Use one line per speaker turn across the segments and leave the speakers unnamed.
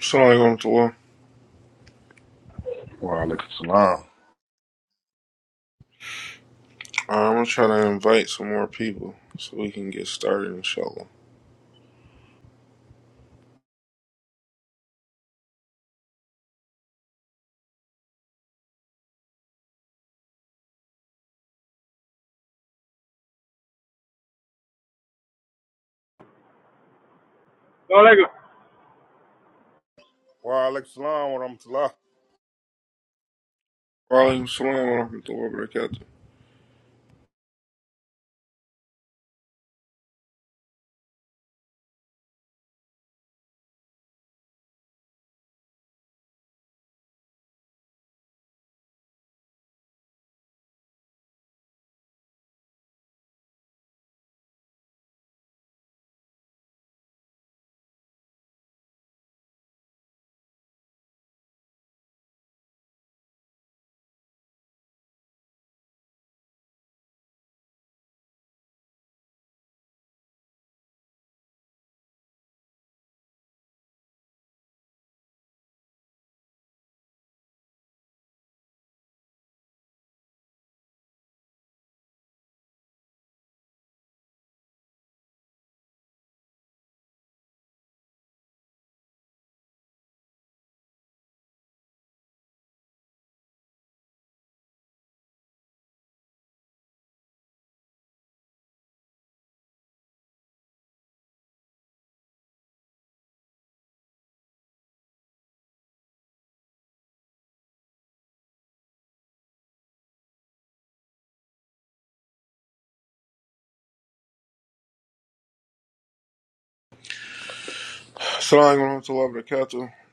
So I'm going to
Wa alaikum salam.
I'm gonna try to invite some more people so we can get started, inshallah.
No, like
Wa alaikum salam wa rahmatullah.
Walaikum salam wa rahmatullahi wa barakatuh.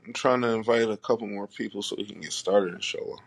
I'm trying to invite a couple more people so we can get started, inshallah.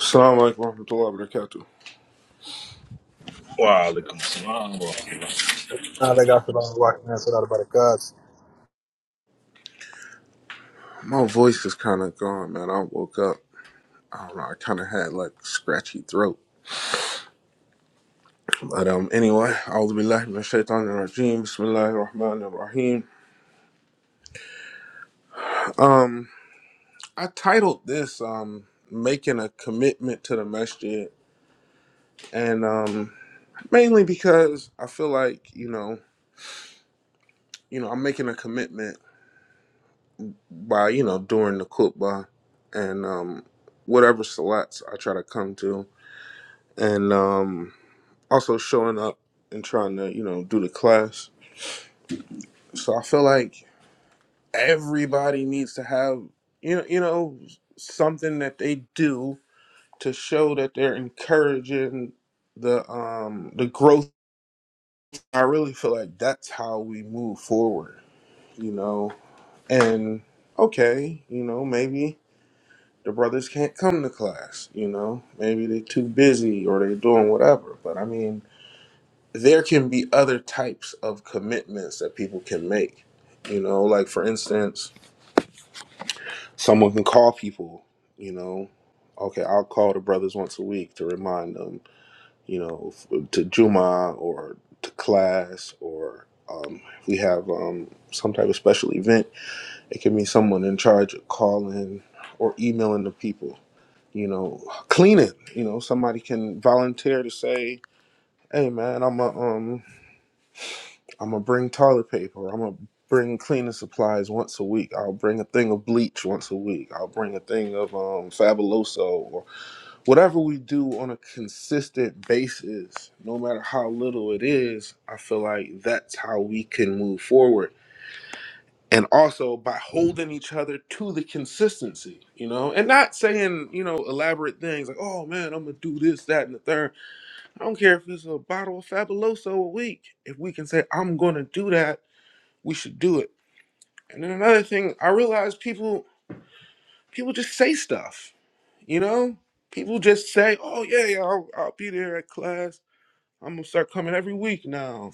Salam alaikum wa
Wa alaikum salam wa rahmatullah.
Nah, they got shit on the rock man, so that about the gods.
My voice is kind of gone, man. I woke up. I don't know. I kind of had like scratchy throat, but um. Anyway, I'll be Shaitanir Rajeem. rajim. Bismillah rahim. Um, I titled this um making a commitment to the masjid and um, mainly because I feel like you know, you know, I'm making a commitment by you know doing the kutba and um, whatever salats I try to come to, and um, also showing up and trying to you know do the class. So I feel like everybody needs to have you know you know something that they do to show that they're encouraging the um the growth. I really feel like that's how we move forward you know And okay, you know, maybe the brothers can't come to class, you know, maybe they're too busy or they're doing whatever. But I mean, there can be other types of commitments that people can make, you know, like for instance, someone can call people, you know, okay, I'll call the brothers once a week to remind them, you know, f- to Juma or to class or um, we have um, some type of special event It can be someone in charge of calling or emailing the people, you know, cleaning. You know, somebody can volunteer to say, "Hey, man, I'm a um, I'm gonna bring toilet paper. I'm gonna bring cleaning supplies once a week. I'll bring a thing of bleach once a week. I'll bring a thing of um, Fabuloso or whatever we do on a consistent basis, no matter how little it is. I feel like that's how we can move forward and also by holding each other to the consistency, you know, and not saying, you know, elaborate things like, oh man, I'm gonna do this, that, and the third. I don't care if it's a bottle of Fabuloso a week. If we can say, I'm gonna do that, we should do it. And then another thing, I realize people people just say stuff, you know? People just say, oh yeah, yeah, I'll, I'll be there at class. I'm gonna start coming every week now.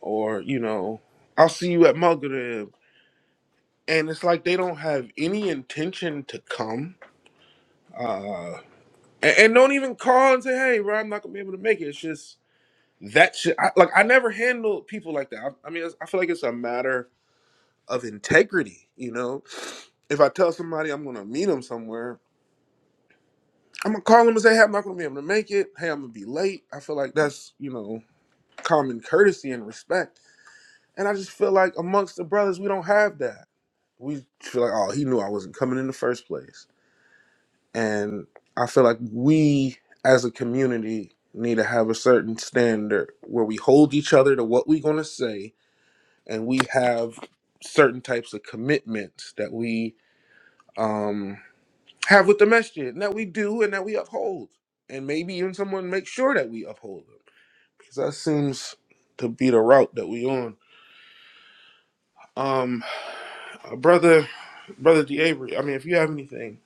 Or, you know, I'll see you at Mugger and it's like they don't have any intention to come uh and, and don't even call and say hey bro i'm not gonna be able to make it it's just that shit I, like i never handled people like that i, I mean it's, i feel like it's a matter of integrity you know if i tell somebody i'm gonna meet them somewhere i'm gonna call them and say hey i'm not gonna be able to make it hey i'm gonna be late i feel like that's you know common courtesy and respect and i just feel like amongst the brothers we don't have that we feel like oh he knew i wasn't coming in the first place And I feel like we as a community need to have a certain standard where we hold each other to what we're going to say and we have certain types of commitments that we um, have with the message and that we do and that we uphold. And maybe even someone make sure that we uphold them because that seems to be the route that we on. Um, uh, brother, brother D. Avery, I mean, if you have anything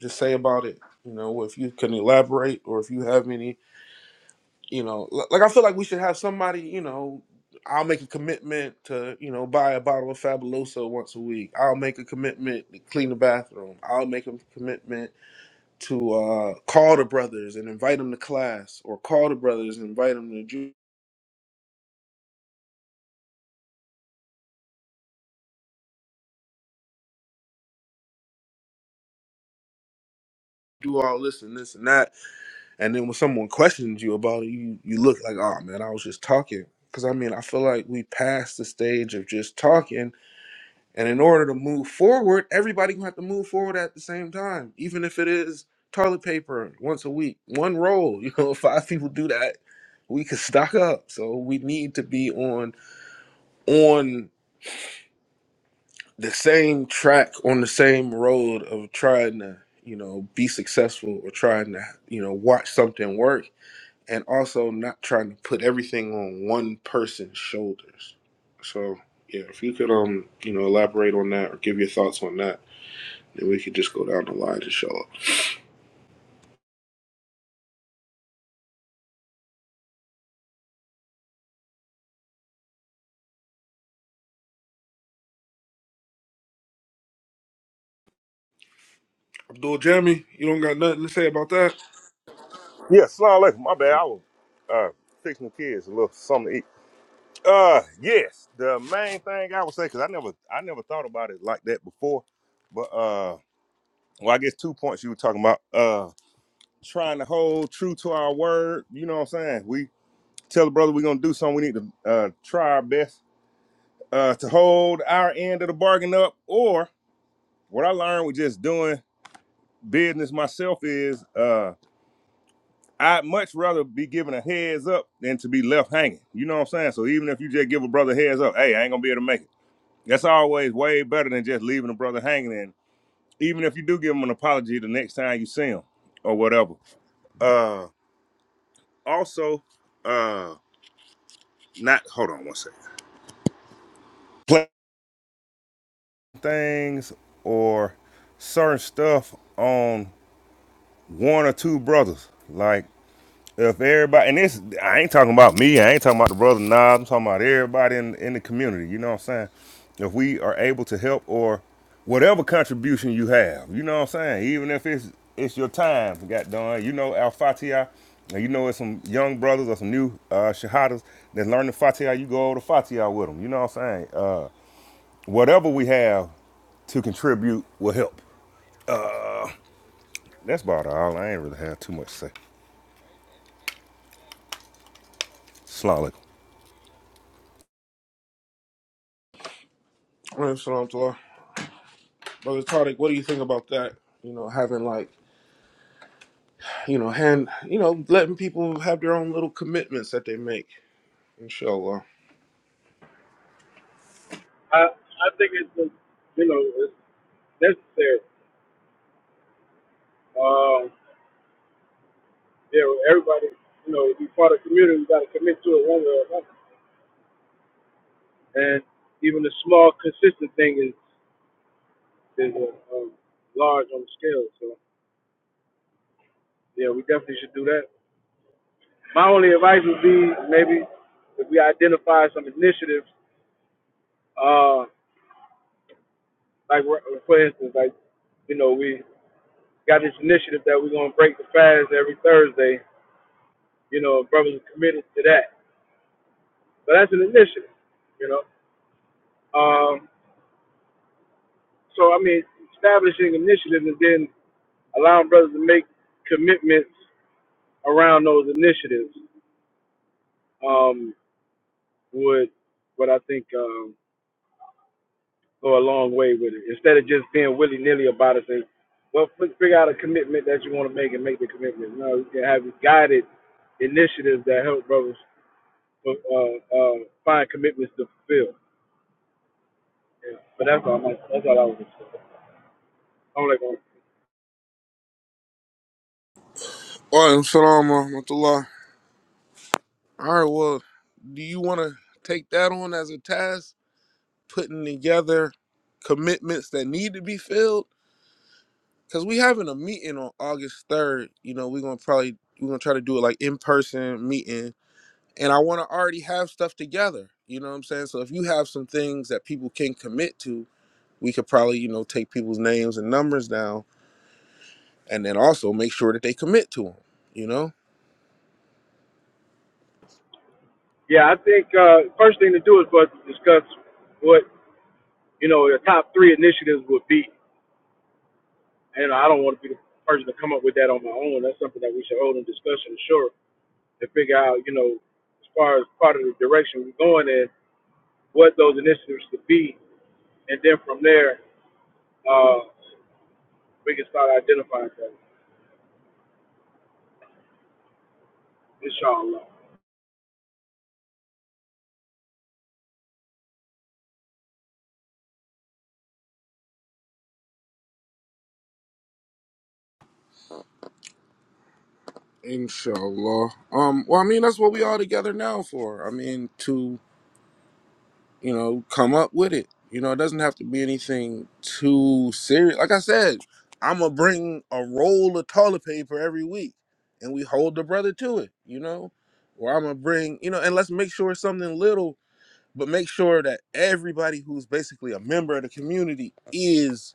to say about it, you know, if you can elaborate or if you have any you know li- like i feel like we should have somebody you know i'll make a commitment to you know buy a bottle of fabuloso once a week i'll make a commitment to clean the bathroom i'll make a commitment to uh call the brothers and invite them to class or call the brothers and invite them to do, do all this and this and that and then when someone questions you about it you you look like oh man i was just talking because i mean i feel like we passed the stage of just talking And in order to move forward, everybody gonna have to move forward at the same time, even if it is toilet paper once a week, one roll. You know, if five people do that, we could stock up. So we need to be on on the same track, on the same road of trying to, you know, be successful or trying to, you know, watch something work, and also not trying to put everything on one person's shoulders. So yeah, if you could um, you know, elaborate on that or give your thoughts on that. And we could just go down the line to show up. Abdul Jami, you don't got nothing to say about that?
Yeah, salam alaikum. My bad. I was uh, fixing the kids a little something to eat. Uh, yes. The main thing I would say, because I never, I never thought about it like that before, but uh, well, I guess two points you were talking about. Uh, trying to hold true to our word. You know what I'm saying? We tell the brother we're gonna do something. We need to uh try our best uh to hold our end of the bargain up. Or what I learned was just doing. business myself is uh I'd much rather be given a heads up than to be left hanging. You know what I'm saying? So even if you just give a brother a heads up, hey, I ain't gonna be able to make it. That's always way better than just leaving a brother hanging. And even if you do give him an apology the next time you see him or whatever. Uh also, uh not hold on one second. Play things or certain stuff on one or two brothers. Like If everybody and this, I ain't talking about me. I ain't talking about the brother Knobs. I'm talking about everybody in in the community. You know what I'm saying? If we are able to help or whatever contribution you have, you know what I'm saying. Even if it's it's your time, got done. You know Al Fatiha, and you know it's some young brothers or some new uh, shahadas that learn the Fatiha. You go over the Fatiha with them. You know what I'm saying? Uh, whatever we have to contribute will help. That's about all. I ain't really have too much to say. Slalik.
Alright, Salam to Allah. Brother Tariq, what do you think about that? You know, having like, you know, hand, you know, letting people have their own little commitments that they make. Inshallah.
I, I think it's just, you know it's necessary. Um, you know, everybody, you know, to be part of the community. We got to commit to it one way or another. And even the small, consistent thing is is a, um, large on the scale. So yeah, we definitely should do that. My only advice would be maybe if we identify some initiatives, uh, like we're- for instance, like you know we got this initiative that we're gonna break the fast every Thursday. You know, brothers are committed to that But that's an initiative, you know. Um, so I mean, establishing initiatives and then allowing brothers to make commitments around those initiatives um, would, what I think, um, go a long way with it. Instead of just being willy nilly about it, say, well, fi- figure out a commitment that you want to make and make the commitment. No, you can have guided initiatives that help brothers uh, uh, find commitments to fulfill. Yeah. But that's all. I, that's all I was. gonna say. I'm like,
Alaikum salam wa rahmatullah. All right, well, do you want to take that on as a task, putting together commitments that need to be filled? Because we having a meeting on August 3rd. You know, we're going to probably, we're going to try to do it like in-person meeting and I want to already have stuff together. You know what I'm saying? So if you have some things that people can commit to, we could probably, you know, take people's names and numbers down and then also make sure that they commit to them, you know?
Yeah, I think uh, first thing to do is for us to discuss what you know the top three initiatives would be, and I don't want to be the person to come up with that on my own. That's something that we should hold in discussion, sure, to figure out you know as far as part of the direction we're going in, what those initiatives should be, and then from there uh, we can start identifying things, inshallah.
Inshallah. Um well, I mean, that's what we all together now for. I mean, to you know, come up with it. You know, it doesn't have to be anything too serious. Like I said, I'm gonna bring a roll of toilet paper every week, and we hold the brother to it. You know, or I'm gonna bring, you know, and let's make sure it's something little, but make sure that everybody who's basically a member of the community is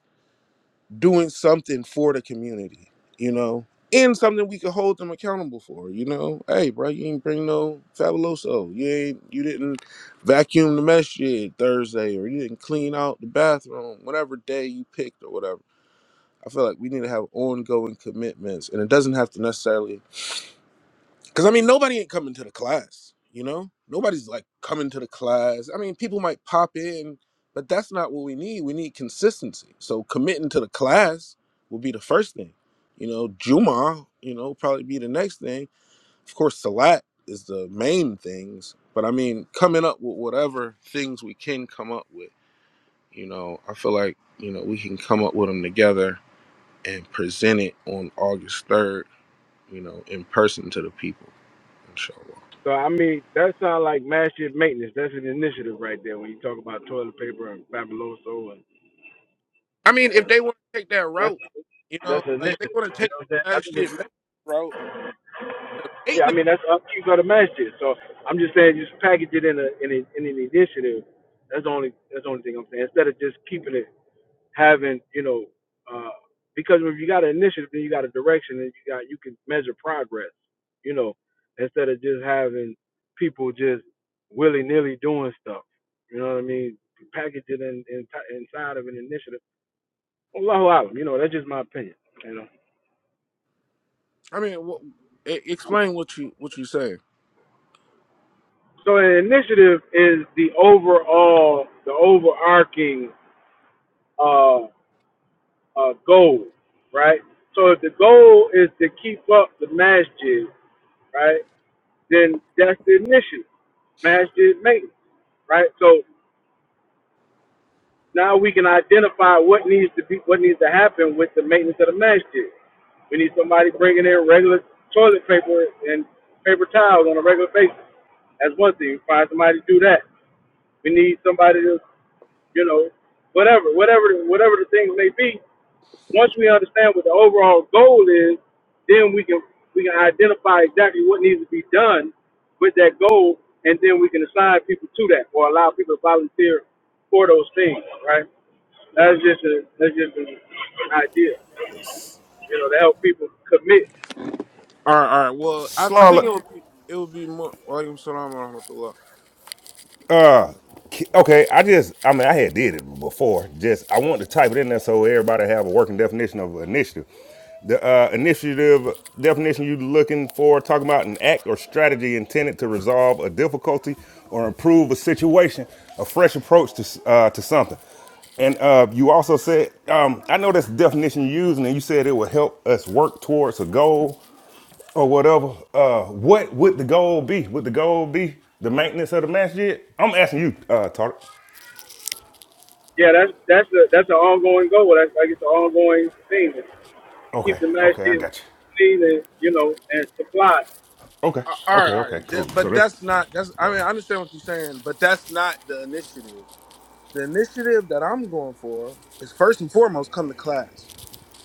doing something for the community, you know, and something we could hold them accountable for, you know. Hey, bro, you ain't bring no fabuloso. You ain't you didn't vacuum the mess shit Thursday, or you didn't clean out the bathroom, whatever day you picked or whatever. I feel like we need to have ongoing commitments, and it doesn't have to necessarily because I mean, nobody ain't coming to the class, you know? Nobody's like coming to the class. I mean, people might pop in, but that's not what we need. We need consistency. So committing to the class will be the first thing. You know, Juma, you know, probably be the next thing. Of course, Salat is the main things, but I mean, coming up with whatever things we can come up with, you know, I feel like, you know, we can come up with them together and present it on August 3rd, you know, in person to the people, inshallah.
So I mean, that sounds like massive maintenance. That's an initiative right there when you talk about toilet paper and Fabuloso, and,
I mean, if
and
they want to take that
that's
route, you know,
That's an
like if they
initiative.
want to
You
take
know what I'm saying? I
that
think
shit
it's,
maintenance route, the
yeah, I
maintenance.
mean that's up to you are the masters. So I'm just saying just package it in a in, a, in an initiative. That's the only that's the only thing I'm saying. Instead of just keeping it having, you know, uh because if you got an initiative then you got a direction and you got you can measure progress, you know, instead of just having people just willy nilly doing stuff. You know what I mean? Package it in, in inside of an initiative. Allahu Alam, you know, that's just my opinion. You know.
I mean, wha- e- explain what you what you say.
So an initiative is the overall, the overarching uh, uh, goal, right? So if the goal is to keep up the masjid, right, then that's the initiative, masjid maintenance, right? So now we can identify what needs to be, what needs to happen with the maintenance of the masjid. We need somebody bringing in regular toilet paper and paper towels on a regular basis. That's one thing. Find somebody to do that. We need somebody to you know, whatever, whatever, whatever the things may be. Once we understand what the overall goal is, then we can we can identify exactly what needs to be done with that goal, and then we can assign people to that or allow people to volunteer for those things, right? That's just a that's just an idea, you know, to help people commit.
All right, all right. Well, I, I think
Slalik.
it would be it would be more. Walaikum salam wa rahmatullah.
Uh, ki- okay. I just, I mean, I had did it before. Just, I want to type it in there so everybody have a working definition of initiative. The uh, initiative definition you looking for talking about an act or strategy intended to resolve a difficulty or improve a situation, a fresh approach to s- uh, to something. And uh, you also said, um, I know that's the definition you used, and you said it would help us work towards a goal or whatever, uh, what would the goal be? Would the goal be the maintenance of the masjid? I'm asking you, uh, Tarek.
Yeah, that's that's a that's an ongoing goal. That's like it's an ongoing thing to keep
Okay,
the
okay, I
matches
got you.
clean and you know and supplied.
Okay,
Uh, All
okay,
right, all
okay,
right. That-
cool. So
But
that's
that's not
that's
that's.
the
I
goal.
mean, I understand what you're saying, but that's not the initiative. The initiative that I'm going for is first and foremost come to class.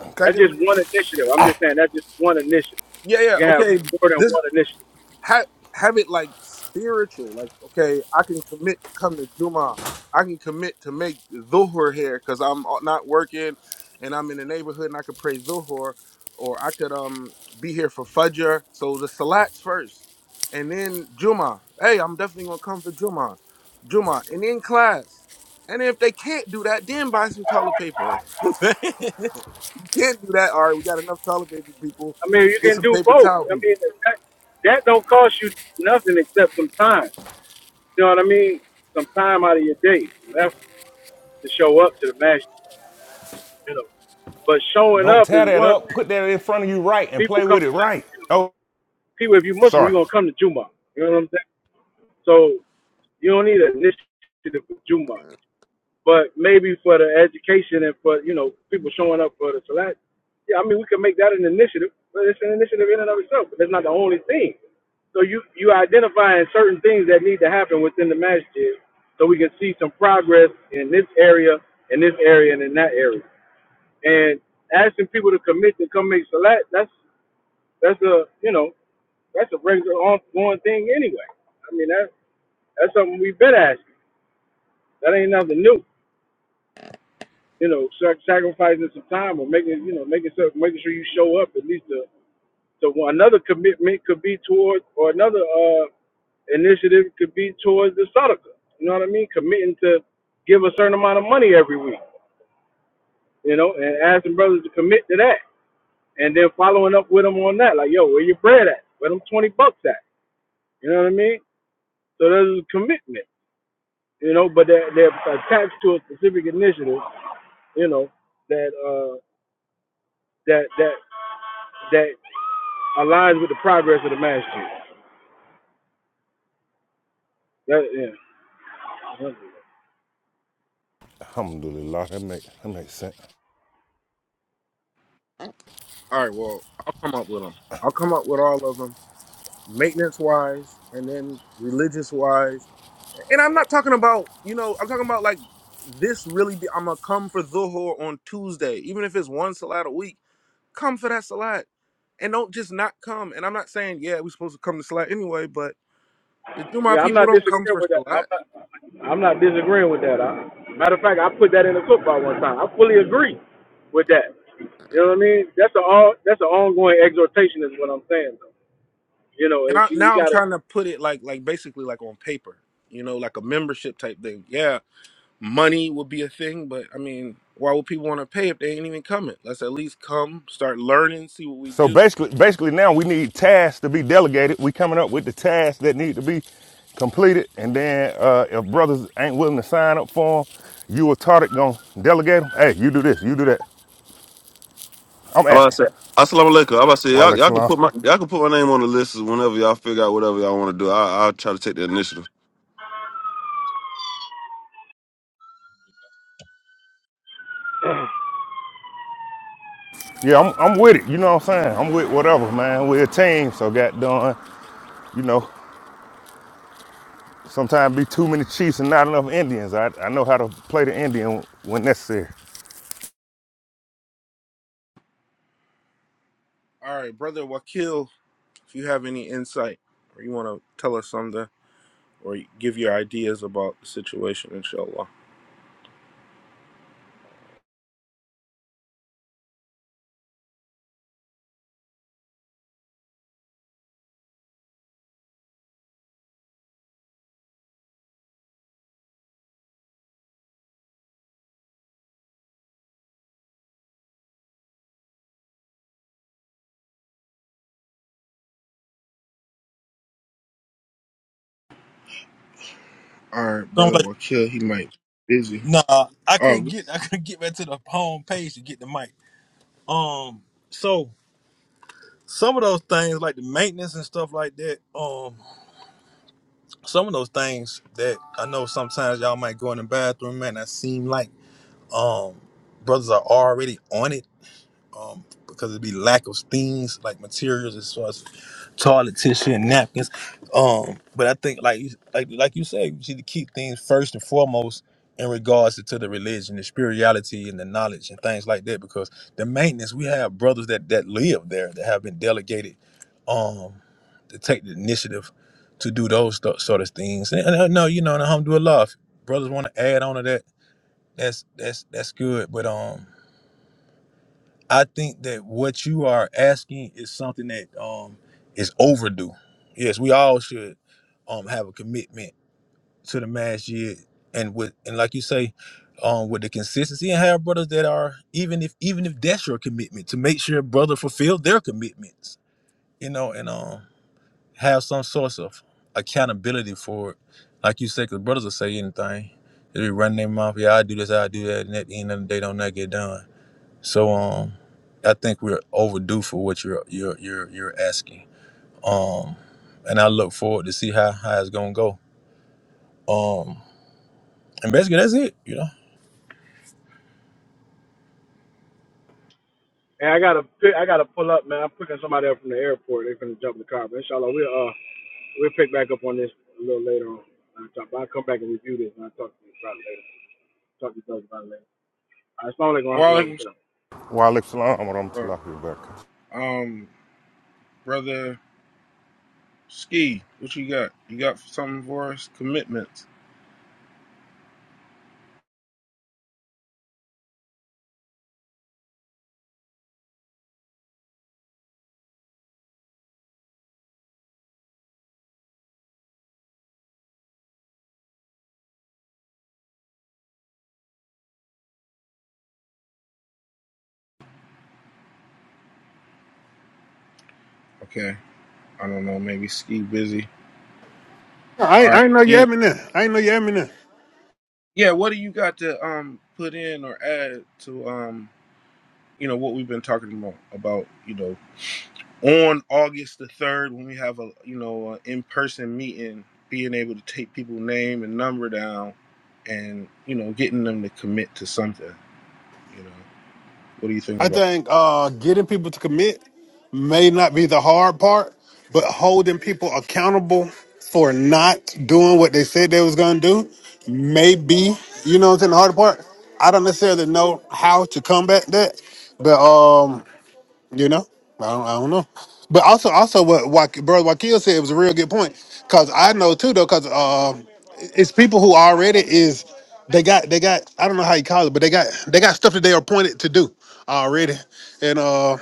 Okay.
That's just
Secondly,
one initiative. I'm just saying that's just one initiative.
yeah, yeah,
You can have
okay.
more than
this.
one initiative.
have have it like spiritual. Like, okay, I can commit to come to Juma. I can commit to make Dhuhr here because I'm uh, not working and I'm in the neighborhood and I could pray Dhuhr or I could um be here for Fajr. So the Salats first and then Juma. Hey, I'm definitely going to come for Juma. Juma. And then class. And if they can't do that, then buy some toilet paper. you can't do that. All right, we got enough toilet paper people.
I mean, you
Let's get
can
some
do
paper
both.
towel
I
people.
mean, that, that don't cost you nothing except some time. You know what I mean? Some time out of your day, some effort to show up to the match. You know, but showing
Don't
up is
tear that
one
up.
thing.
Put that in front of you right and
People
play
come
with
to
it right.
you know,
Oh,
people. If you are Muslim, you're
sorry.
gonna come to Juma. You know what I'm saying? So you don't need an initiative for Juma. But maybe for the education and for you know people showing up for the salat, yeah, I mean we can make that an initiative. But it's an initiative in and of itself. But that's not the only thing. So you you identifying certain things that need to happen within the masjid, so we can see some progress in this area, in this area, and in that area. And asking people to commit to come make salat, that's that's a you know that's a regular ongoing thing anyway. I mean that that's something we've been asking. That ain't nothing new. you know, sac- sacrificing some time or making, you know, making sure, making sure you show up at least to, to one. Another commitment could be towards, or another uh, initiative could be towards the Sadaka. You know what I mean? Committing to give a certain amount of money every week, you know, and asking brothers to commit to that. And then following up with them on that, like, yo, where your bread at? Where them 20 bucks at? You know what I mean? So there's a commitment, you know, but they're, they're attached to a specific initiative, you know, that, uh, that, that, that aligns with the progress of the master. That, yeah,
Alhamdulillah, that makes that makes sense.
All right, well, I'll come up with them. I'll come up with all of them, maintenance wise, and then religious wise. And I'm not talking about, you know, I'm talking about like this really. Be, I'm gonna come for Dhuhr on Tuesday, even if it's one salat a week. Come for that salat, and don't just not come. And I'm not saying yeah, we're supposed to come to salat anyway, but the Juma
yeah. I'm
people
not
don't come
disagreeing
for
with that.
salat.
I'm not, I'm not disagreeing with that. I, matter of fact, I put that in the football one time. I fully agree with that. You know what I mean? That's a all. That's an ongoing exhortation, is what I'm saying. Though. You know,
And
it's,
I,
we
now I'm
gotta.
trying to put it like like basically like on paper, you know, like a membership type thing. Yeah, money would be a thing, but I mean, why would people want to pay if they ain't even coming? Let's at least come, start learning, see what we
So
do.
basically, basically now we need tasks to be delegated. We coming up with the tasks that need to be completed, and then uh, if brothers ain't willing to sign up for them, you or Tarek gonna delegate them. Hey, you do this, you do that. I'm
I'm about to
asking.
say, Assalamu alaikum. I'm about to say, y'all,
Walex
y'all can
Salam.
put my y'all can put my name on the list whenever y'all figure out whatever y'all want to do. I, I'll try to take the initiative.
Yeah, I'm, I'm with it. You know what I'm saying? I'm with whatever, man. We're a team, so got done. You know, sometimes be too many Chiefs and not enough Indians. I, I know how to play the Indian when necessary.
All right, brother Wakil, if you have any insight or you want to tell us something or give your ideas about the situation, inshallah. All right,
So I'm
brother
like,
Wakil, he might be busy.
nah, I
Oh,
couldn't
good-
get I couldn't get back to the home page to get the mic. Um so some of those things like the maintenance and stuff like that, um, some of those things that I know sometimes y'all might go in the bathroom and I seem like um brothers are already on it. Um, because it'd be lack of things like materials as far as toilet tissue and napkins. Um, but I think like like like you say, you need to keep things first and foremost in regards to, to the religion, the spirituality, and the knowledge and things like that. Because the maintenance, we have brothers that that live there that have been delegated, um, to take the initiative to do those th- sort of things. And, and uh, no, you know, and alhamdulillah, if brothers want to add on to that. That's that's that's good. But um. I think that what you are asking is something that um is overdue. Yes, we all should um have a commitment to the mass year and with and like you say, um with the consistency and have brothers that are even if even if that's your commitment to make sure brother fulfill their commitments, you know, and um have some source of accountability for it. Like you say, because brothers will say anything. They be running their mouth, yeah, I do this, I do that, and at the end of the day, don't not get done so um, I think we're overdue for what you're you're you're you're asking. Um, and I look forward to see how how it's gonna go. Um, and basically that's it. You know.
And I gotta. Pick, I gotta pull up, man. I'm picking somebody up from the airport. They're gonna jump in the car. But inshallah, we'll uh, we'll pick back up on this a little later on. I'll, come back and review this, and I'll talk to you about it later. Talk to you about it later. All right, Assalamu alaikum warahmatullahi
walaikum
wabarakatuh.
Walex Salam.
salam.
I'm
Um, brother Ski, what you got? You got something for us? Commitments. Okay, I don't know, maybe Ski busy.
No, I,
All
I
right,
ain't know you
Dean.
had me there. I ain't know you had me there.
Yeah, what do you got to um put in or add to um you know what we've been talking about about you know on August the third when we have a you know a in person meeting, being able to take people's name and number down, and you know getting them to commit to something. You know, what do you think
I
about that?
think uh, getting people to commit may not be the hard part, but holding people accountable for not doing what they said they was gonna do may be, you know, what's in the hard part. I don't necessarily know how to combat that, but um, You know, I don't, I don't know. But also, also what, what bro Wakil said was a real good point because I know too though because um, it's people who already is they got they got I don't know how you call it but they got they got stuff that they are appointed to do already and uh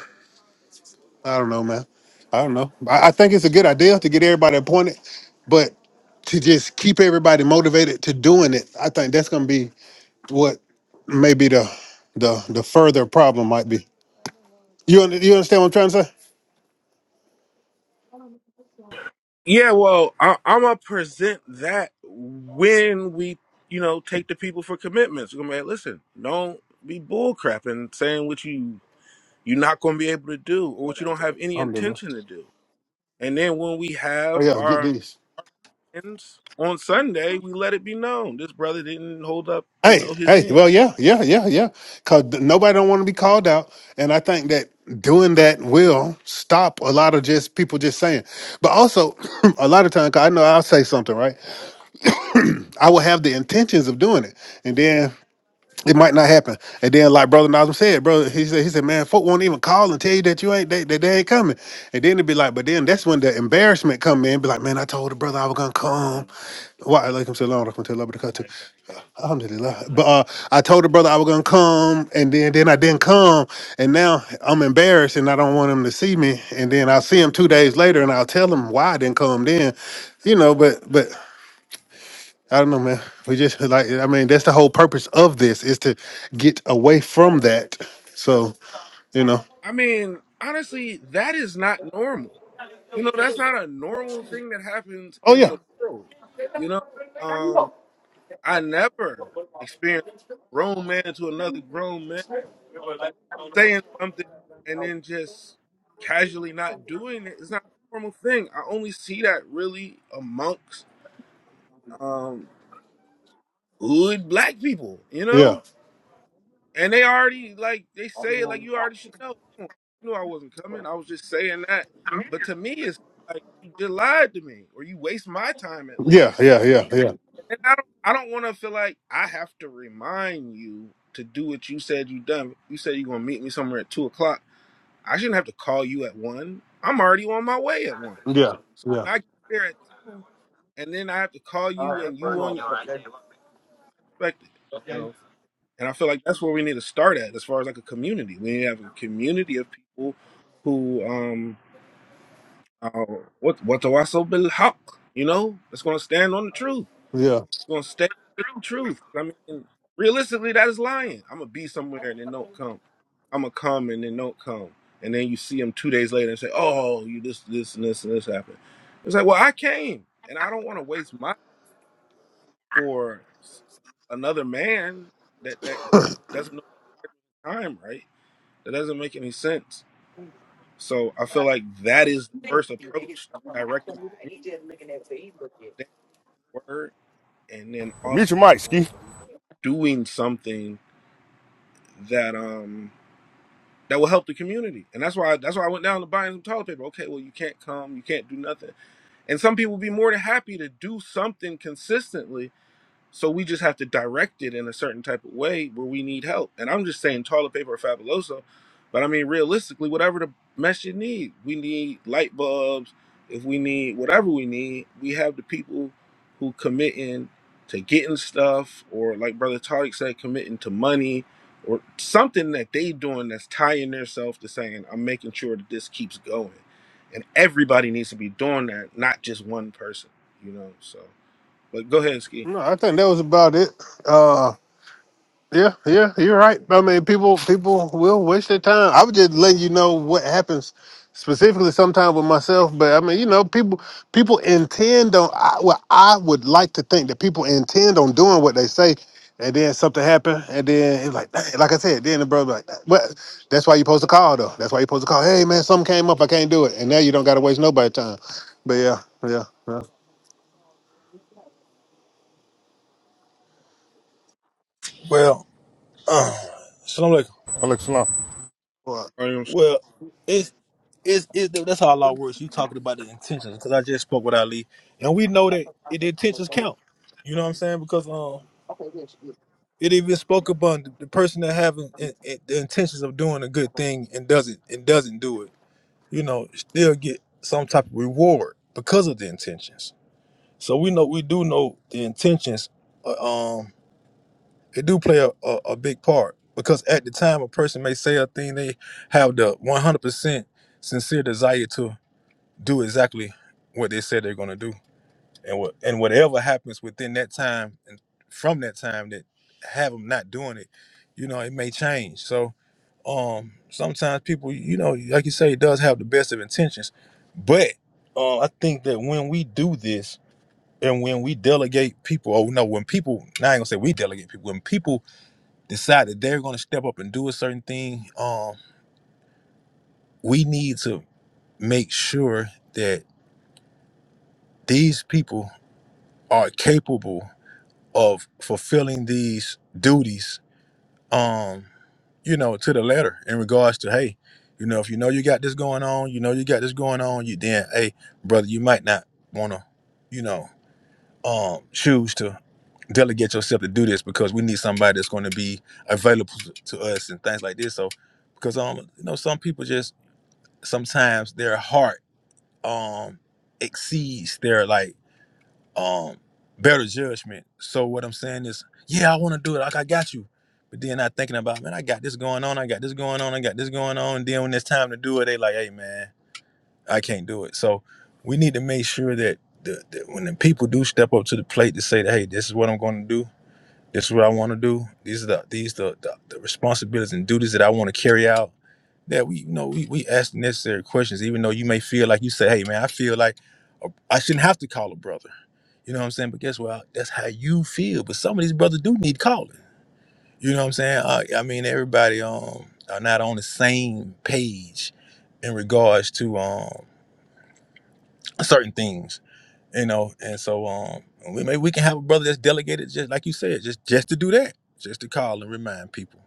I don't know man I don't know I, I think it's a good idea to get everybody appointed but to just keep everybody motivated to doing it I think that's gonna be what maybe the the the further problem might be you under, you understand what I'm trying to
Yeah, well, I, I'm gonna present that when we you know take the people for commitments. I'm gonna be like, listen, don't be bull crap and saying what you you're not going to be able to do or what you don't have any
say.
intention to do. And then when we
Oh
have
yeah, get
our
these.
ends on Sunday, we let it be known this brother didn't hold up, you
Hey,
know, his
hey,
end.
well, yeah, yeah, yeah, yeah. Cause th- nobody don't want to be called out, and I think that doing that will stop a lot of just people just saying. But also, a lot of times, 'cause I know I'll say something, right? I will have the intentions of doing it, and then It might not happen. And then, like Brother Nazim said, brother, he said, he said, man, folk won't even call and tell you that you ain't they, that they ain't coming. And then it'd be like, but then that's when the embarrassment come in. Be like, man, I told the brother I was gonna come. Why? Like I'm saying, I was gonna tell Alhamdulillah. But uh, I told the brother I was gonna come, and then then I didn't come, and now I'm embarrassed, and I don't want him to see me. And then I'll see him two days later, and I'll tell him why I didn't come. Then, you know, but but I don't know, man. We just like I mean, that's the whole purpose of this is to get away from that. So, you know.
I mean, honestly, that is not normal. You know, that's not a normal thing that happens
Oh
in
yeah.
the world. You know, um, I never experienced a grown man to another grown man saying something and then just casually not doing it. It's not a normal thing. I only see that really amongst um hood black people, you
Yeah.
know? And they already like they say it like you already should know. You knew I wasn't coming. I was just saying that. But to me it's like you just lied to me or you waste my time at
Yeah.
least.
Yeah. Yeah. Yeah.
And I don't I don't wanna feel like I have to remind you to do what you said you done. You said you're gonna meet me somewhere at two o'clock. I shouldn't have to call you at one. I'm already on my way at one.
Yeah.
So
Yeah.
when I get there at two and then I have to call you and you on expected. No. And I feel like that's where we need to start at, as far as like a community. We need to have a community of people who, um, uh, what what do I so hawk? You know, that's going to stand on the truth.
Yeah.
Going to stay with the truth. I mean, realistically, that is lying. I'm gonna be somewhere and then don't come. I'm gonna come and then don't come. And then you see them two days later and say, "Oh, you this this and this and this happened." It's like, well, I came, and I don't want to waste my for another man that that doesn't know time, right? That doesn't make any sense. So I feel like that is the first approach to directing the community, the word, and then also
Mutual mic, Ski.
doing something that um that will help the community. And that's why that's why I went down to buying some toilet paper. Okay, well you can't come, you can't do nothing. And some people be more than happy to do something consistently So we just have to direct it in a certain type of way where we need help. And I'm just saying toilet paper or fabuloso, but I mean realistically, whatever the mess you need. We need light bulbs. If we need whatever we need, we have the people who committing to getting stuff, or like Brother Tariq said, committing to money, or something that they doing that's tying themselves to saying, "I'm making sure that this keeps going." And everybody needs to be doing that, not just one person, you know. So, but go ahead, Ski.
No, I think that was about it. Uh. Yeah, yeah, you're right. I mean, people people will waste their time. I was just letting you know what happens specifically sometimes with myself. But I mean, you know, people people intend on. I, well, I would like to think that people intend on doing what they say, and then something happen, and then it's like, "Dang," like I said, then the brother like, well, that's why you supposed to call though. That's why you supposed to call. Hey man, something came up, I can't do it, and now you don't got to waste nobody's time. But yeah, yeah, yeah.
Well, uh, so I'm like,
Walex Salam.
Well,
well, it's it's, it's that's how law works. You talking about the intentions because I just spoke with Ali, and we know that it, the intentions count. You know what I'm saying? Because um, it even spoke about the, the person that having in, in- the intentions of doing a good thing and doesn't and doesn't do it you know, still get some type of reward because of the intentions. So we know we do know the intentions. uh, Um, it do play a, a, a big part because at the time a person may say a thing they have the one hundred percent sincere desire to do exactly what they said they're gonna do and what and whatever happens within that time and from that time that have them not doing it, you know, it may change. So um sometimes people, you know, like you say, it does have the best of intentions, but uh, I think that when we do this and when we delegate people, oh no, when people, now I ain't gonna say we delegate people, when people decide that they're gonna step up and do a certain thing, um, we need to make sure that these people are capable of fulfilling these duties um you know to the letter in regards to hey you know if you know you got this going on you know you got this going on you then hey brother you might not want to you know um choose to delegate yourself to do this because we need somebody that's going to be available to to us and things like this so because um you know some people just sometimes their heart um exceeds their like um better judgment. So what I'm saying is, yeah, I want to do it. Like I got you. But then I thinking about, man, I got this going on, I got this going on, I got this going on. And then when it's time to do it, they like, hey man, I can't do it. So we need to make sure that the, that when the people do step up to the plate to say that, hey, this is what I'm gonna do, this is what I wanna do, these are the these the the, the responsibilities and duties that I wanna carry out. That we you know we, we ask the necessary questions, even though you may feel like you say, Hey man, I feel like a- I shouldn't have to call a brother you know what I'm saying? But guess what? That's how you feel. But some of these brothers do need calling. You know what I'm saying? Uh, I mean, everybody um are not on the same page in regards to um certain things. You know, and so um we maybe we can have a brother that's delegated just like you said, just just to do that, just to call and remind people.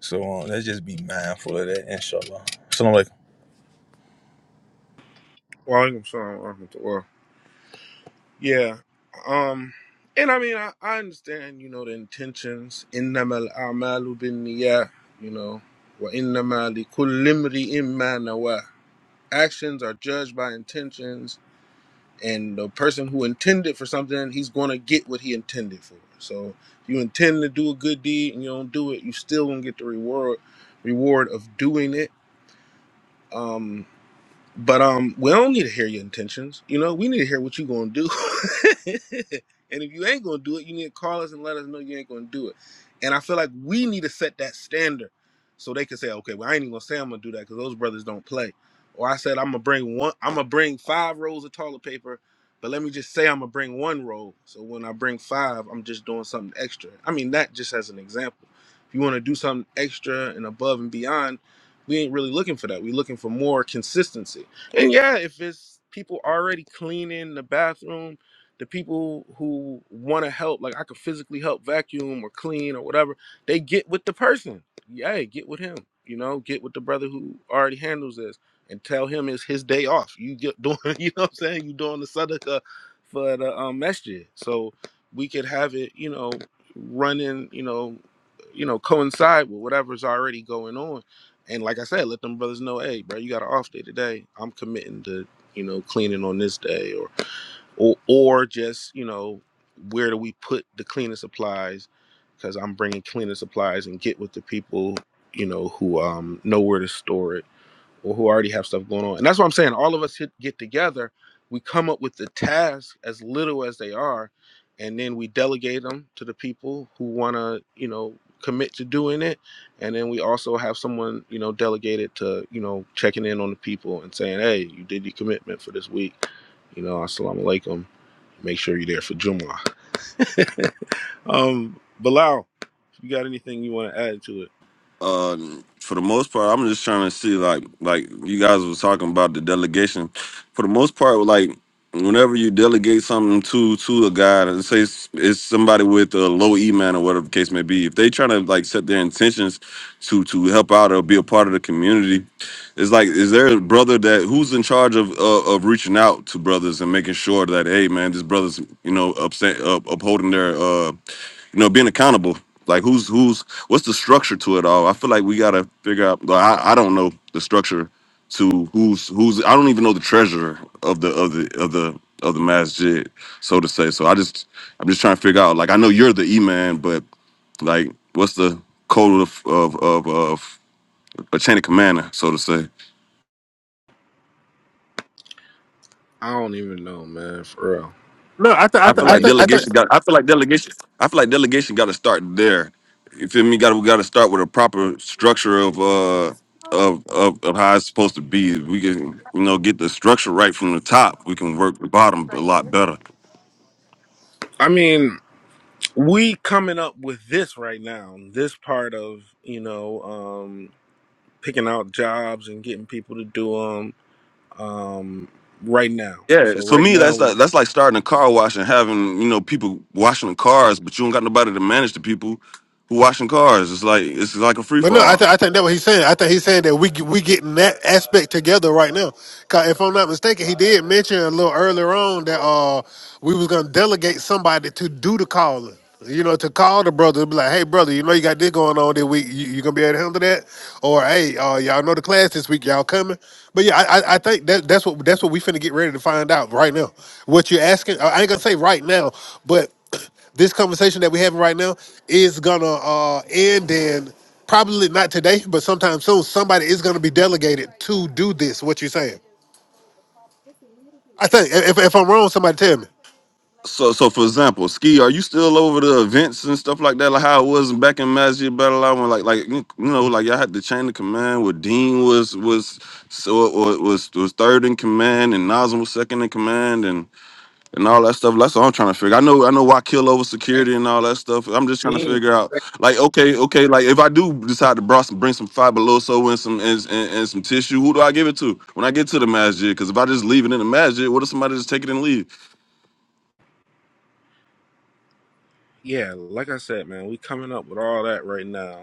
So um, let's just be mindful of that. Inshallah. Assalamu alaikum.
Walaikum salam wa rahmatullah. Yeah. Um, and I mean, I, I understand, you know, the intentions. Innama al-a'malu bin niyah, you know, wa innama li kullimri i am nawa. Actions are judged by intentions, and the person who intended for something, he's going to get what he intended for. So if you intend to do a good deed and you don't do it, you still going to get the reward reward of doing it. um. But um, we don't need to hear your intentions. You know, we need to hear what you gonna do. and if you ain't gonna do it, you need to call us and let us know you ain't gonna do it. And I feel like we need to set that standard so they can say, okay, well, I ain't even gonna say I'm gonna do that because those brothers don't play. Or I said I'm gonna bring one, I'm gonna bring five rolls of toilet paper, but let me just say I'm gonna bring one roll. So when I bring five, I'm just doing something extra. I mean, that just as an example. If you want to do something extra and above and beyond, we ain't really looking for that. We're looking for more consistency and yeah, if it's people already cleaning the bathroom, the people who want to help, like I could physically help vacuum or clean or whatever, they get with the person. Yeah, get with him. You know, get with the brother who already handles this and tell him it's his day off. You get doing, you know what I'm saying? You doing the sadaka for the um, masjid. So we could have it, you know, running, you know, you know, coincide with whatever's already going on and like I said, let them brothers know, hey, bro, you got an off day today. I'm committing to, you know, cleaning on this day, or or or just, you know, where do we put the cleaning supplies? Because I'm bringing cleaning supplies and get with the people, you know, who um know where to store it or who already have stuff going on. And that's what I'm saying. All of us hit, get together, we come up with the tasks as little as they are, and then we delegate them to the people who want to, you know, commit to doing it. And then we also have someone, you know, delegated to, you know, checking in on the people and saying, hey, you did your commitment for this week. You know, assalamu alaikum. Make sure you're there for Jumu'ah. Um, Bilal, if you got anything you want to add to it?
uh for the most part i'm just trying to see like like you guys was talking about the delegation for the most part like whenever you delegate something to to a guy and say it's, it's somebody with a low e man or whatever the case may be if they trying to like set their intentions to to help out or be a part of the community it's like is there a brother that who's in charge of uh, of reaching out to brothers and making sure that hey man this brother's you know upset up, upholding their uh you know, being accountable. Like who's who's what's the structure to it all? I feel like we gotta figure out. Like, I I don't know the structure to who's who's. I don't even know the treasurer of the of the of the of the masjid, so to say. So I just I'm just trying to figure out. Like I know you're the imam, but like what's the code of of of, of a chain of command, so to say?
I don't even know, man, for real.
I, th- I,
I
I
th-
feel
I
like
mean,
think I think
delegation got. I feel like delegation. I feel like delegation got to start there. You feel me? Got we got to start with a proper structure of uh of, of of how it's supposed to be. We can you know get the structure right from the top. We can work the bottom a lot better.
I mean, we coming up with this right now this part of you know um picking out jobs and getting people to do them um right now
Yeah,
so
so
right
me
now
that's
we
like that's like starting a car wash and having you know people washing the cars, but you don't got nobody to manage the people who washing cars. It's like it's like a free
But no, I,
fall.
th- I think that's what he's saying. I think he's saying that we we getting that aspect together right now. 'Cause if I'm not mistaken, he did mention a little earlier on that uh we was gonna delegate somebody to do the calling. You know, to call the brother, be like, "Hey, brother, you know you got this going on this week. You, you gonna be able to handle that?" Or, "Hey, uh, y'all know the class this week. Y'all coming?" But yeah, I I, I think that that's what that's what we finna get ready to find out right now. What you're asking, I ain't gonna say right now, but this conversation that we're having right now is gonna uh, end in probably not today, but sometime soon. Somebody is gonna be delegated to do this. What you're saying? I think. If, if I'm wrong, somebody tell me.
So, so for example, ski, are you still over the events and stuff like that, like how it was back in Magic Battle Island, like, like you know, like y'all had the chain of command where Dean was was so or was was third in command and Nazem was second in command and and all that stuff. That's what I'm trying to figure. I know, I know why kill over security and all that stuff. I'm just trying to figure out, like, okay, okay, like if I do decide to bring some bring some five below so and some and, and, and some tissue, who do I give it to when I get to the Magic? Because if I just leave it in the Magic, what if somebody just take it and leave?
yeah like i said man we coming up with all that right now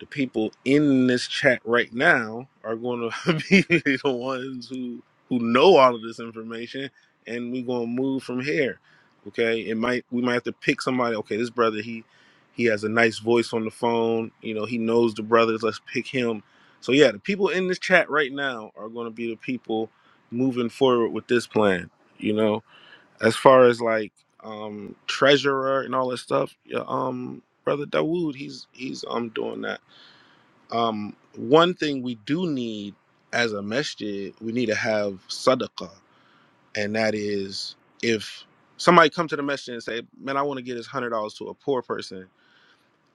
the people in this chat right now are going to be the ones who who know all of this information and we're going to move from here okay it might we might have to pick somebody okay this brother he he has a nice voice on the phone you know he knows the brothers let's pick him so yeah the people in this chat right now are going to be the people moving forward with this plan you know as far as like um treasurer and all that stuff yeah um brother dawood he's he's um doing that um, one thing we do need as a masjid, we need to have sadaqah, and that is if somebody come to the masjid and say, "Man, I want to give this hundred dollars to a poor person,"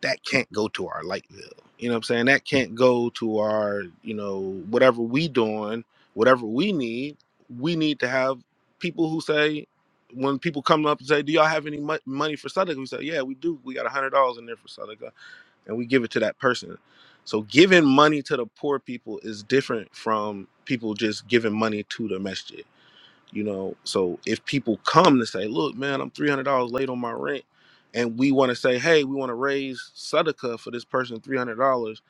that can't go to our light bill. You know what I'm saying? That can't go to our, you know, whatever we doing, whatever we need. We need to have people who say, when people come up and say, "Do y'all have any mo- money for sadaqah?" We say, "Yeah, we do. We got a hundred dollars in there for sadaqah." and we give it to that person. So giving money to the poor people is different from people just giving money to the masjid. You know, so if people come to say, "Look, man, I'm three hundred dollars late on my rent," and we want to say, "Hey, we want to raise sadaqah for this person three hundred dollars,"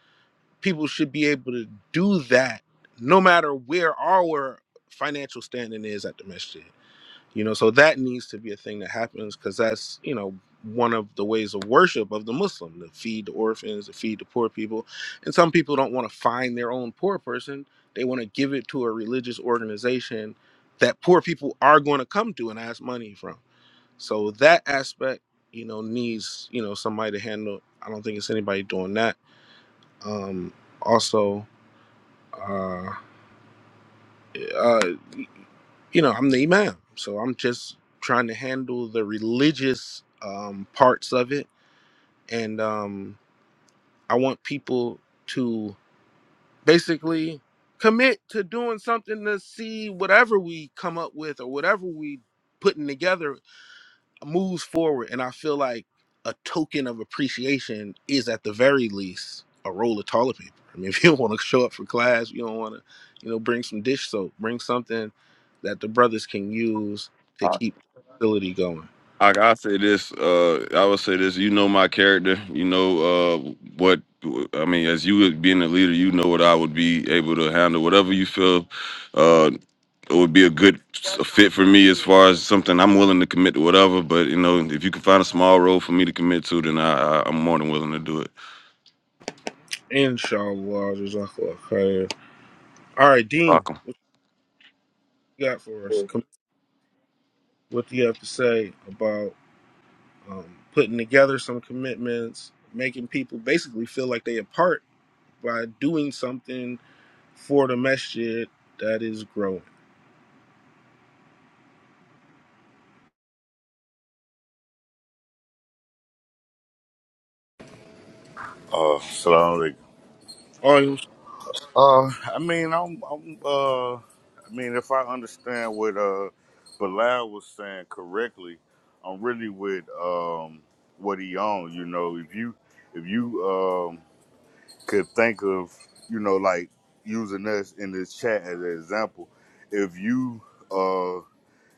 people should be able to do that, no matter where our financial standing is at the masjid you know so that needs to be a thing that happens because that's you know one of the ways of worship of the muslim to feed the orphans to feed the poor people and some people don't want to find their own poor person they want to give it to a religious organization that poor people are going to come to and ask money from so that aspect you know needs you know somebody to handle i don't think it's anybody doing that um also uh, uh you know, I'm the imam, so I'm just trying to handle the religious um, parts of it, and um, I want people to basically commit to doing something to see whatever we come up with or whatever we putting together moves forward and I feel like a token of appreciation is at the very least a roll of toilet paper. I mean, if you don't want to show up for class, you don't want to, you know, bring some dish soap, bring something that the brothers can use to keep the facility going.
I I say this. Uh, I would say this. You know my character. You know uh, what I mean. As you would- being a leader, you know what I would be able to handle. Whatever you feel, uh, it would be a good s- fit for me as far as something I'm willing to commit to. Whatever, but you know, if you can find a small role for me to commit to, then I, I I'm more than willing to do it.
Inshallah, jazakallah khair. All right, Dean, what
Welcome.
you got for us? Com- What do you have to say about um, putting together some commitments, making people basically feel like they are part by doing something for the masjid that is growing.
Uh, salam alaikum.
All
I mean, I'm, I'm, uh, I mean, if I understand what uh, Bilal was saying correctly, I'm really with um, what he on. You know, if you if you um, could think of, you know, like using us in this chat as an example, if you uh,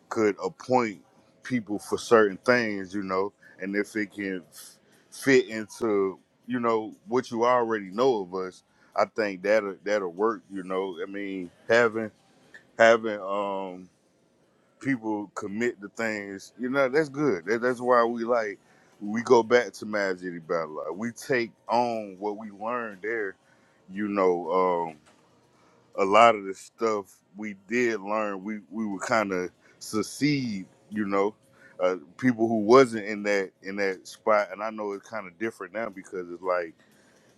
could appoint people for certain things, you know, and if it can f- fit into, you know, what you already know of us, I think that'll that'll work, you know. I mean, having having um people commit to things, you know, that's good. That, that's why we like we go back to Mad City Battle. Like, we take on what we learned there, you know. um, a lot of the stuff we did learn, we we would kind of succeed, you know. Uh, people who wasn't in that in that spot, and I know it's kind of different now because it's like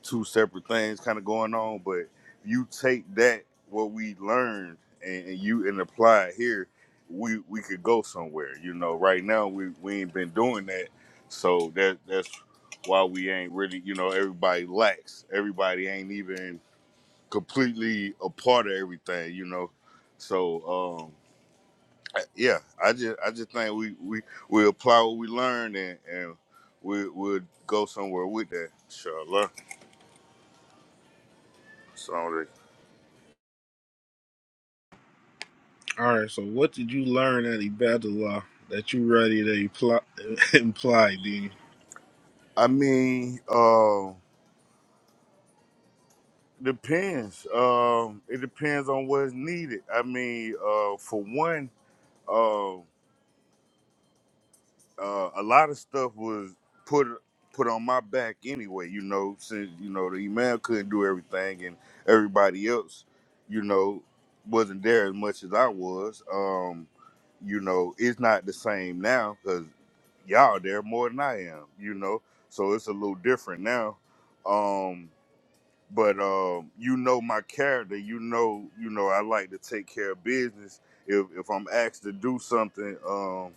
two separate things kind of going on. But you take that what we learned and, and you and apply it here, we we could go somewhere, you know. Right now we we ain't been doing that, so that that's why we ain't really, you know. Everybody lacks. Everybody ain't even completely a part of everything, you know. So um, yeah, I just I just think we we we apply what we learned and and we we'll go somewhere with that. Inshallah. So
right, so what did you learn at Ibadallah that you ready to imply, imply Dean?
I mean, um, depends. Um, it depends on what's needed. I mean, uh, for one. uh, uh, a lot of stuff was put put on my back anyway. You know, since you know the email couldn't do everything, and everybody else, you know, wasn't there as much as I was. Um, you know, it's not the same now because y'all there more than I am. You know, so it's a little different now. Um, but um, you know my character. You know, you know I like to take care of business. If if I'm asked to do something, um,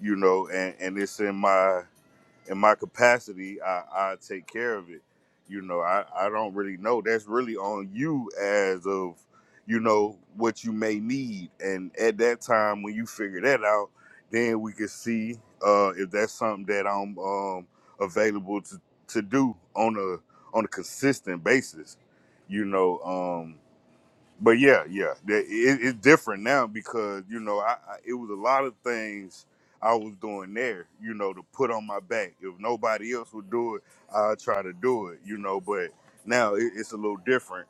you know, and and it's in my in my capacity, I, I take care of it. You know, I, I don't really know. That's really on you as of, you know, what you may need. And at that time, when you figure that out, then we can see uh, if that's something that I'm um, available to, to do on a on a consistent basis. You know, um, but yeah, yeah, that- it, it's different now because you know I, I it was a lot of things I was doing there, you know, to put on my back. If nobody else would do it, i try to do it, you know. But now it, it's a little different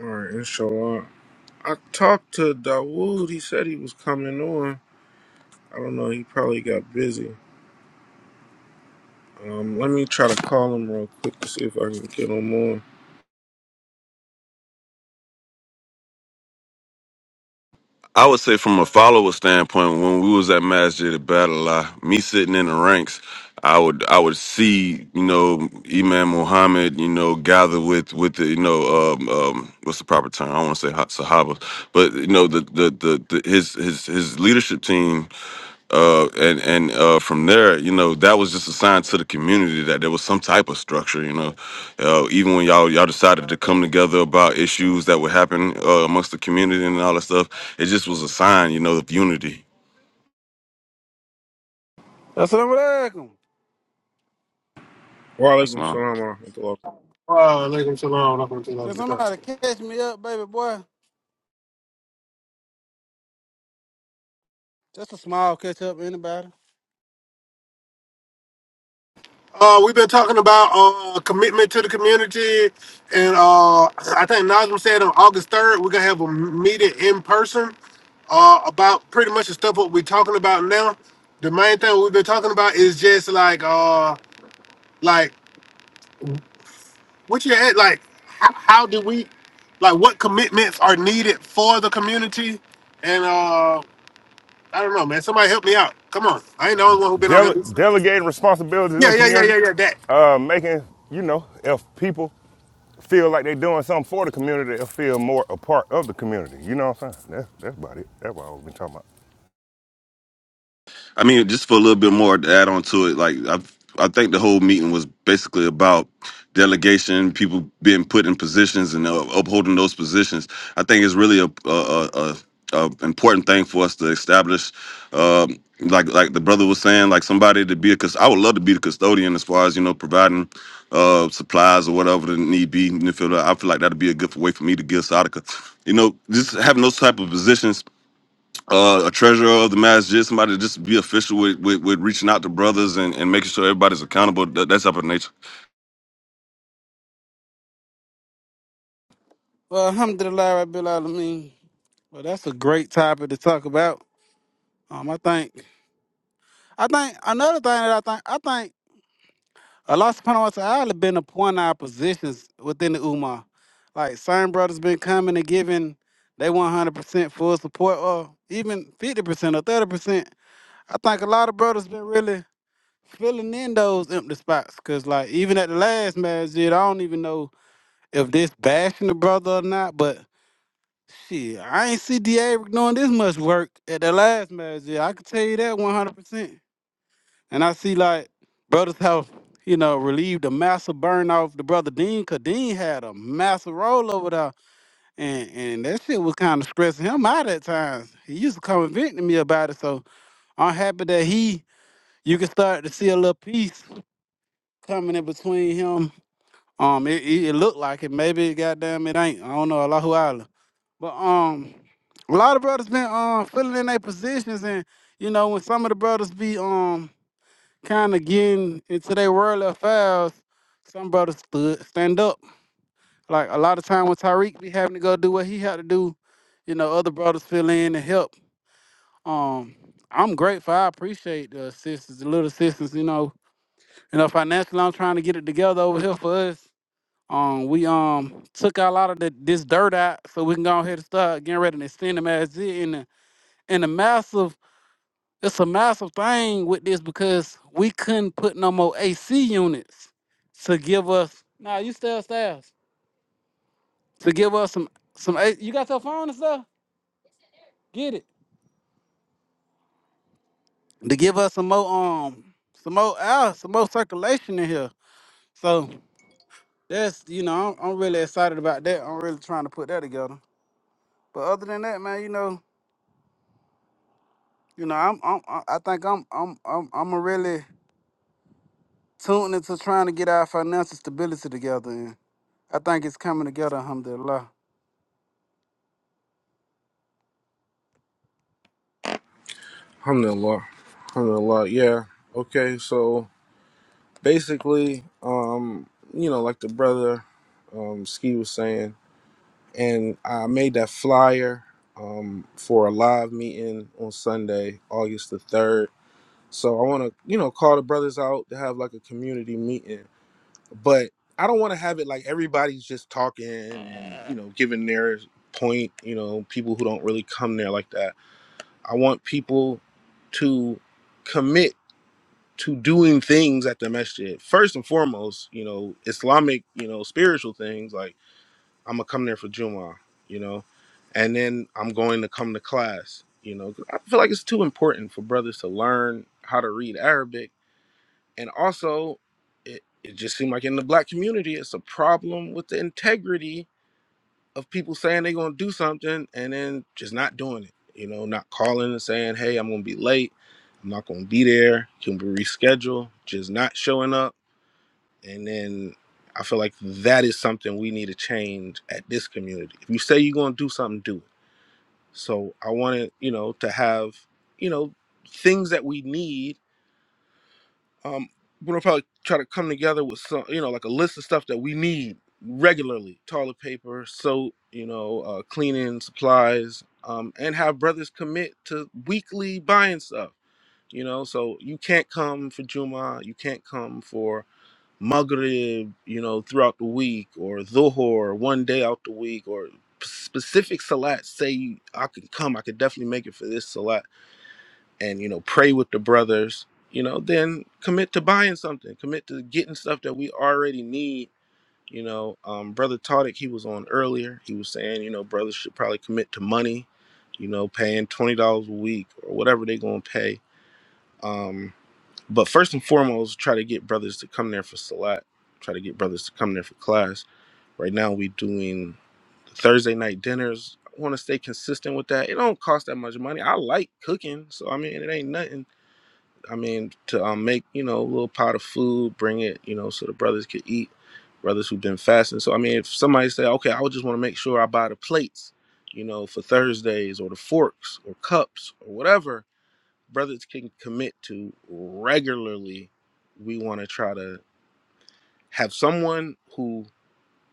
All right, inshallah. I talked to Dawood. He said he was coming on. I don't know. He probably got busy. Um, let me try to call him real quick to see if I can get him on.
I would say from a follower standpoint, when we was at Master the Battle Lie, me sitting in the ranks, I would I would see, you know, Imam Muhammad, you know, gather with with the, you know, um, um what's the proper term? I don't want to say ha- Sahaba, but you know, the the, the the his his his leadership team uh and and uh from there you know that was just a sign to the community that there was some type of structure you know uh, even when y'all y'all decided to come together about issues that would happen uh, amongst the community and all that stuff it just was a sign you know of unity
Assalamu alaikum.
Wa
That's
alaikum
all.
salam wa rahmatullah.
Uh, alaikum salam. wa rahmatullahi wa
Can
barakatuh.
somebody catch me up, baby boy? Just a small catch up, anybody.
Uh, we've been talking about uh, commitment to the community, and uh, I think Nazim said on August third we're gonna have a meeting in person uh, about pretty much the stuff what we're talking about now. The main thing we've been talking about is just like uh, like What you at? Like, how, how do we, like, what commitments are needed for the community? And uh I don't know, man. Somebody help me out. Come on, I ain't the only one who been on here.
Dele- delegating responsibilities in
Yeah,
the
yeah, yeah,
community,
yeah, yeah. That
uh, making you know if people feel like they're doing something for the community, they'll feel more a part of the community. You know what I'm saying? That's that's about it. That's what I've been talking about.
I mean, just for a little bit more to add on to it, like I, I think the whole meeting was basically about delegation, people being put in positions and uh, upholding those positions. I think it's really a a, a, a a important thing for us to establish. Um, like like the brother was saying, like somebody to be a cause I would love to be the custodian as far as you know providing uh, supplies or whatever the need be. And if it- I feel like that'd be a good way for me to give Sadaka. You know, just having those type of positions uh, a treasurer of the masjid, somebody to just be official with, with, with reaching out to brothers and, and making sure everybody's accountable. That, that's up in nature.
Well, alhamdulillah, Rabbil Alameen. Well, that's a great topic to talk about. Um, I think, I think another thing that I think, I think Allah subhanahu wa ta'ala been appointing our positions within the Ummah. Like, certain brothers been coming and giving they 100% full support or even 50% or 30%. I think a lot of brothers been really filling in those empty spots because like even at the last match, dude, I don't even know if this bashing the brother or not, but shit, I ain't see D'Abrick doing this much work at the last match, dude. I can tell you that one hundred percent. And I see like brothers have you know relieved the massive burn off the brother Dean, cause Dean had a massive roll over there, and and that shit was kind of stressing him out at times. He used to come and vent to me about it, so I'm happy that he. You can start to see a little peace coming in between him Um, it, it, it looked like it. Maybe goddamn it ain't. I don't know. Allahu Island. But um, a lot of brothers been um filling in their positions, and you know when some of the brothers be um kind of getting into their worldly affairs, some brothers stood stand up. Like a lot of time when Tyreek be having to go do what he had to do, you know other brothers fill in and help. Um, I'm grateful. I appreciate the assistance, the little assistance, you know. You know financially, I'm trying to get it together over here for us. Um, we um took out a lot of the, this dirt out so we can go ahead and start getting ready to send them as it. And the, and the massive, it's a massive thing with this because we couldn't put no more AC units to give us. Nah, you stay upstairs to give us some some. A- You got your phone and stuff. Get it to give us some more um some more air, some more circulation in here. So that's you know I'm, I'm really excited about that. I'm really trying to put that together. But other than that, man, you know. You know, I'm, I'm, I I think I'm, I'm, I'm, I'm a really tuned into trying to get our financial stability together, and I think it's coming together, alhamdulillah.
Alhamdulillah. Alhamdulillah. Yeah. Okay, so basically, um, you know, like the brother um, Ski was saying, and I made that flyer um, for a live meeting on Sunday, August the third. So I want to, you know, call the brothers out to have like a community meeting, but I don't want to have it like everybody's just talking and you know giving their point. You know, people who don't really come there like that. I want people to commit to doing things at the masjid. First and foremost, you know, Islamic, you know, spiritual things like I'm gonna come there for Jumu'ah, you know, and then I'm going to come to class, you know. 'cause I feel like it's too important for brothers to learn how to read Arabic, and also, it it just seemed like in the black community, it's a problem with the integrity of people saying they're gonna do something and then just not doing it, you know, not calling and saying, hey, I'm gonna be late, I'm not gonna be there, can we reschedule, just not showing up and then I feel like that is something we need to change at this community. If you say you're going to do something, do it. So I wanted, you know, to have, you know, things that we need. Um, we're gonna probably try to come together with some, you know, like a list of stuff that we need regularly: toilet paper, soap, you know, uh, cleaning supplies, um, and have brothers commit to weekly buying stuff. You know, so you can't come for Juma, you can't come for Maghrib, you know, throughout the week, or Dhuhr, one day out the week, or specific Salat. Say I could come, I could definitely make it for this Salat, and you know, pray with the brothers. You know, then commit to buying something, commit to getting stuff that we already need. You know, um, brother Tadic, he was on earlier. He was saying, you know, brothers should probably commit to money. You know, paying twenty dollars a week or whatever they're gonna pay. Um, but first and foremost, try to get brothers to come there for Salat. Try to get brothers to come there for class. Right now, we doing Thursday night dinners. I want to stay consistent with that. It don't cost that much money. I like cooking, so I mean, it ain't nothing. I mean, to um, make you know a little pot of food, bring it, you know, so the brothers could eat. Brothers who've been fasting. So I mean, if somebody say, okay, I would just want to make sure I buy the plates, you know, for Thursdays or the forks or cups or whatever brothers can commit to regularly, we want to try to have someone who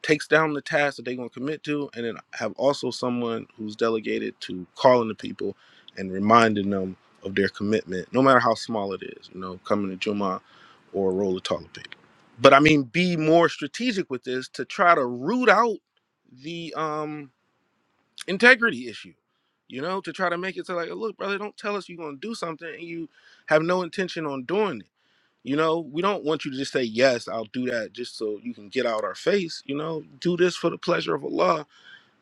takes down the task that they're going to commit to, and then have also someone who's delegated to calling the people and reminding them of their commitment, no matter how small it is, you know, coming to Juma or a roll of toilet paper. But I mean, be more strategic with this to try to root out the um integrity issue, you know, to try to make it to like, look, brother, don't tell us you're going to do something and you have no intention on doing it. You know, we don't want you to just say, yes, I'll do that just so you can get out our face. You know, do this for the pleasure of Allah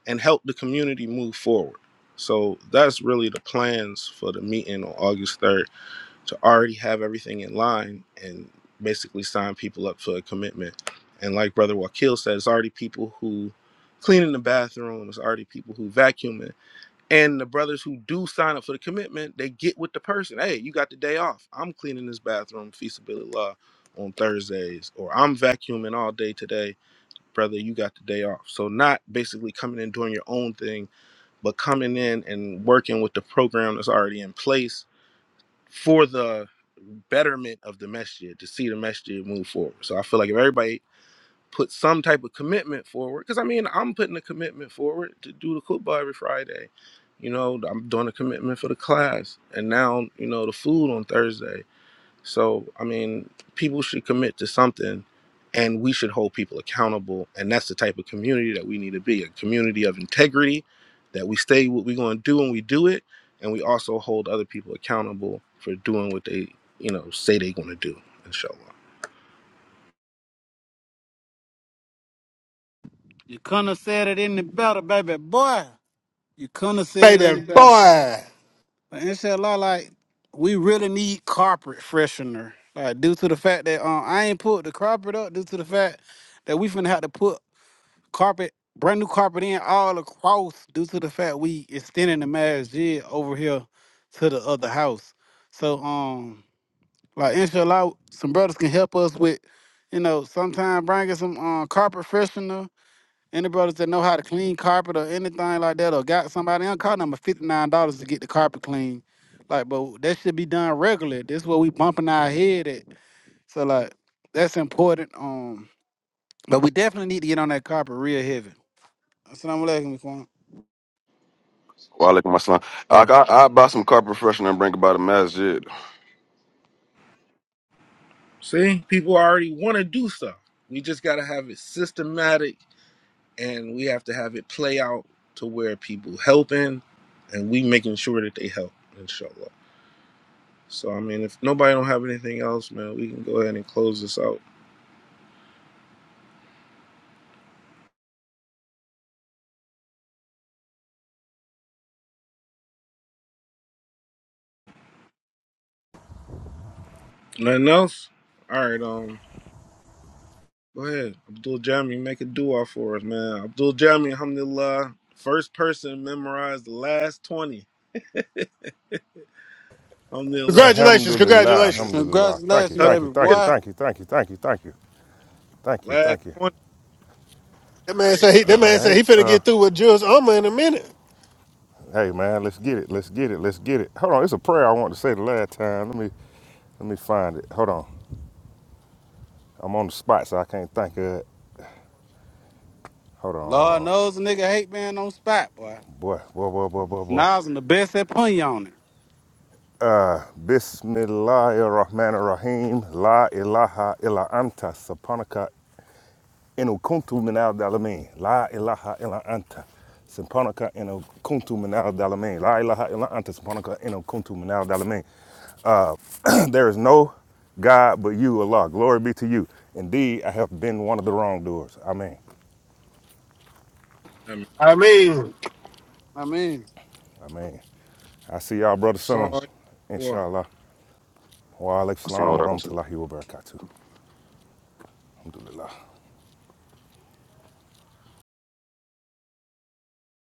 and help the community move forward. So that's really the plans for the meeting on August 3rd to already have everything in line and basically sign people up for a commitment. And like Brother Wakil said, it's already people who cleaning the bathroom, it's already people who vacuuming and the brothers who do sign up for the commitment, they get with the person. Hey, you got the day off. I'm cleaning this bathroom, feasibility law, on Thursdays, or I'm vacuuming all day today, brother. You got the day off. So not basically coming in doing your own thing, but coming in and working with the program that's already in place for the betterment of the message to see the message move forward. So I feel like if everybody put some type of commitment forward. Because I mean, I'm putting a commitment forward to do the football every Friday. You know, I'm doing a commitment for the class, and now you know the food on Thursday. So I mean, people should commit to something, and we should hold people accountable. And that's the type of community that we need to be—a community of integrity, that we stay what we're going to do and we do it, and we also hold other people accountable for doing what they, you know, say they're going to do. Inshallah.
You couldn't have said it any better, baby boy. You couldn't have said it any
Baby
better.
boy.
But inshallah, like we really need carpet freshener, like due to the fact that um, I ain't put the carpet up due to the fact that we finna have to put carpet, brand new carpet in all across due to the fact we extending the marriage jig over here to the other house. So um like inshallah some brothers can help us with, you know, sometime bringing some um carpet freshener. Any brothers that know how to clean carpet or anything like that or got somebody on call number fifty nine dollars to get the carpet clean. Like but that should be done regularly. This is what we bumping our head at. So like that's important. Um but we definitely need to get on that carpet real heavy. Assalamu alaikum, Quan.
Wa alaikum assalam. I, I, I buy some carpet freshener and bring about a masjid.
See, people already want to do stuff. We just got to have it systematic and we have to have it play out to where people helping and we making sure that they help, inshallah. So, I mean, if nobody don't have anything else, man, we can go ahead and close this out. Nothing else? All right, um, go ahead. Abdul Jami, make a dua for us, man. Abdul Jami, alhamdulillah, first person to memorize the last 20. Alhamdulillah.
Congratulations,
Alhamdulillah,
congratulations.
alhamdulillah. Thank you,
Congratulations,
thank
baby
you, thank
Takbir,
you,
boy.
thank you, thank you, thank you, thank you, thank you,
last
thank you.
20.
That man said he that man
All
said
right,
he finna
uh,
get through with Jules Oma in a minute.
hey man, let's get it, let's get it, let's get it. Hold on, it's a prayer I wanted to say the last time. Let me, let me find it. Hold on, I'm on the spot, so I can't think of it. Hold
Lord
on,
knows a nigga hate being on spot, boy.
boy, boy, boy, boy, boy, boy.
Nas and the best at putting you on it.
Bismillahirrahmanirrahim. La ilaha illa anta. Sapanaka inukuntu minal dalamin. La ilaha illa anta. Sapanaka inukuntu minal dalamin. La ilaha illa anta. Sapanaka inukuntu minal dalamin. There is no God but you, Allah. Glory be to you. Indeed, I have been one of the wrongdoers. Amen.
I mean,
I mean.
I mean.
Amen. I see y'all, brother, soon.
song.
Inshallah. Wa alaikum salam wa rahmatullahi wa barakatuh. Alhamdulillah.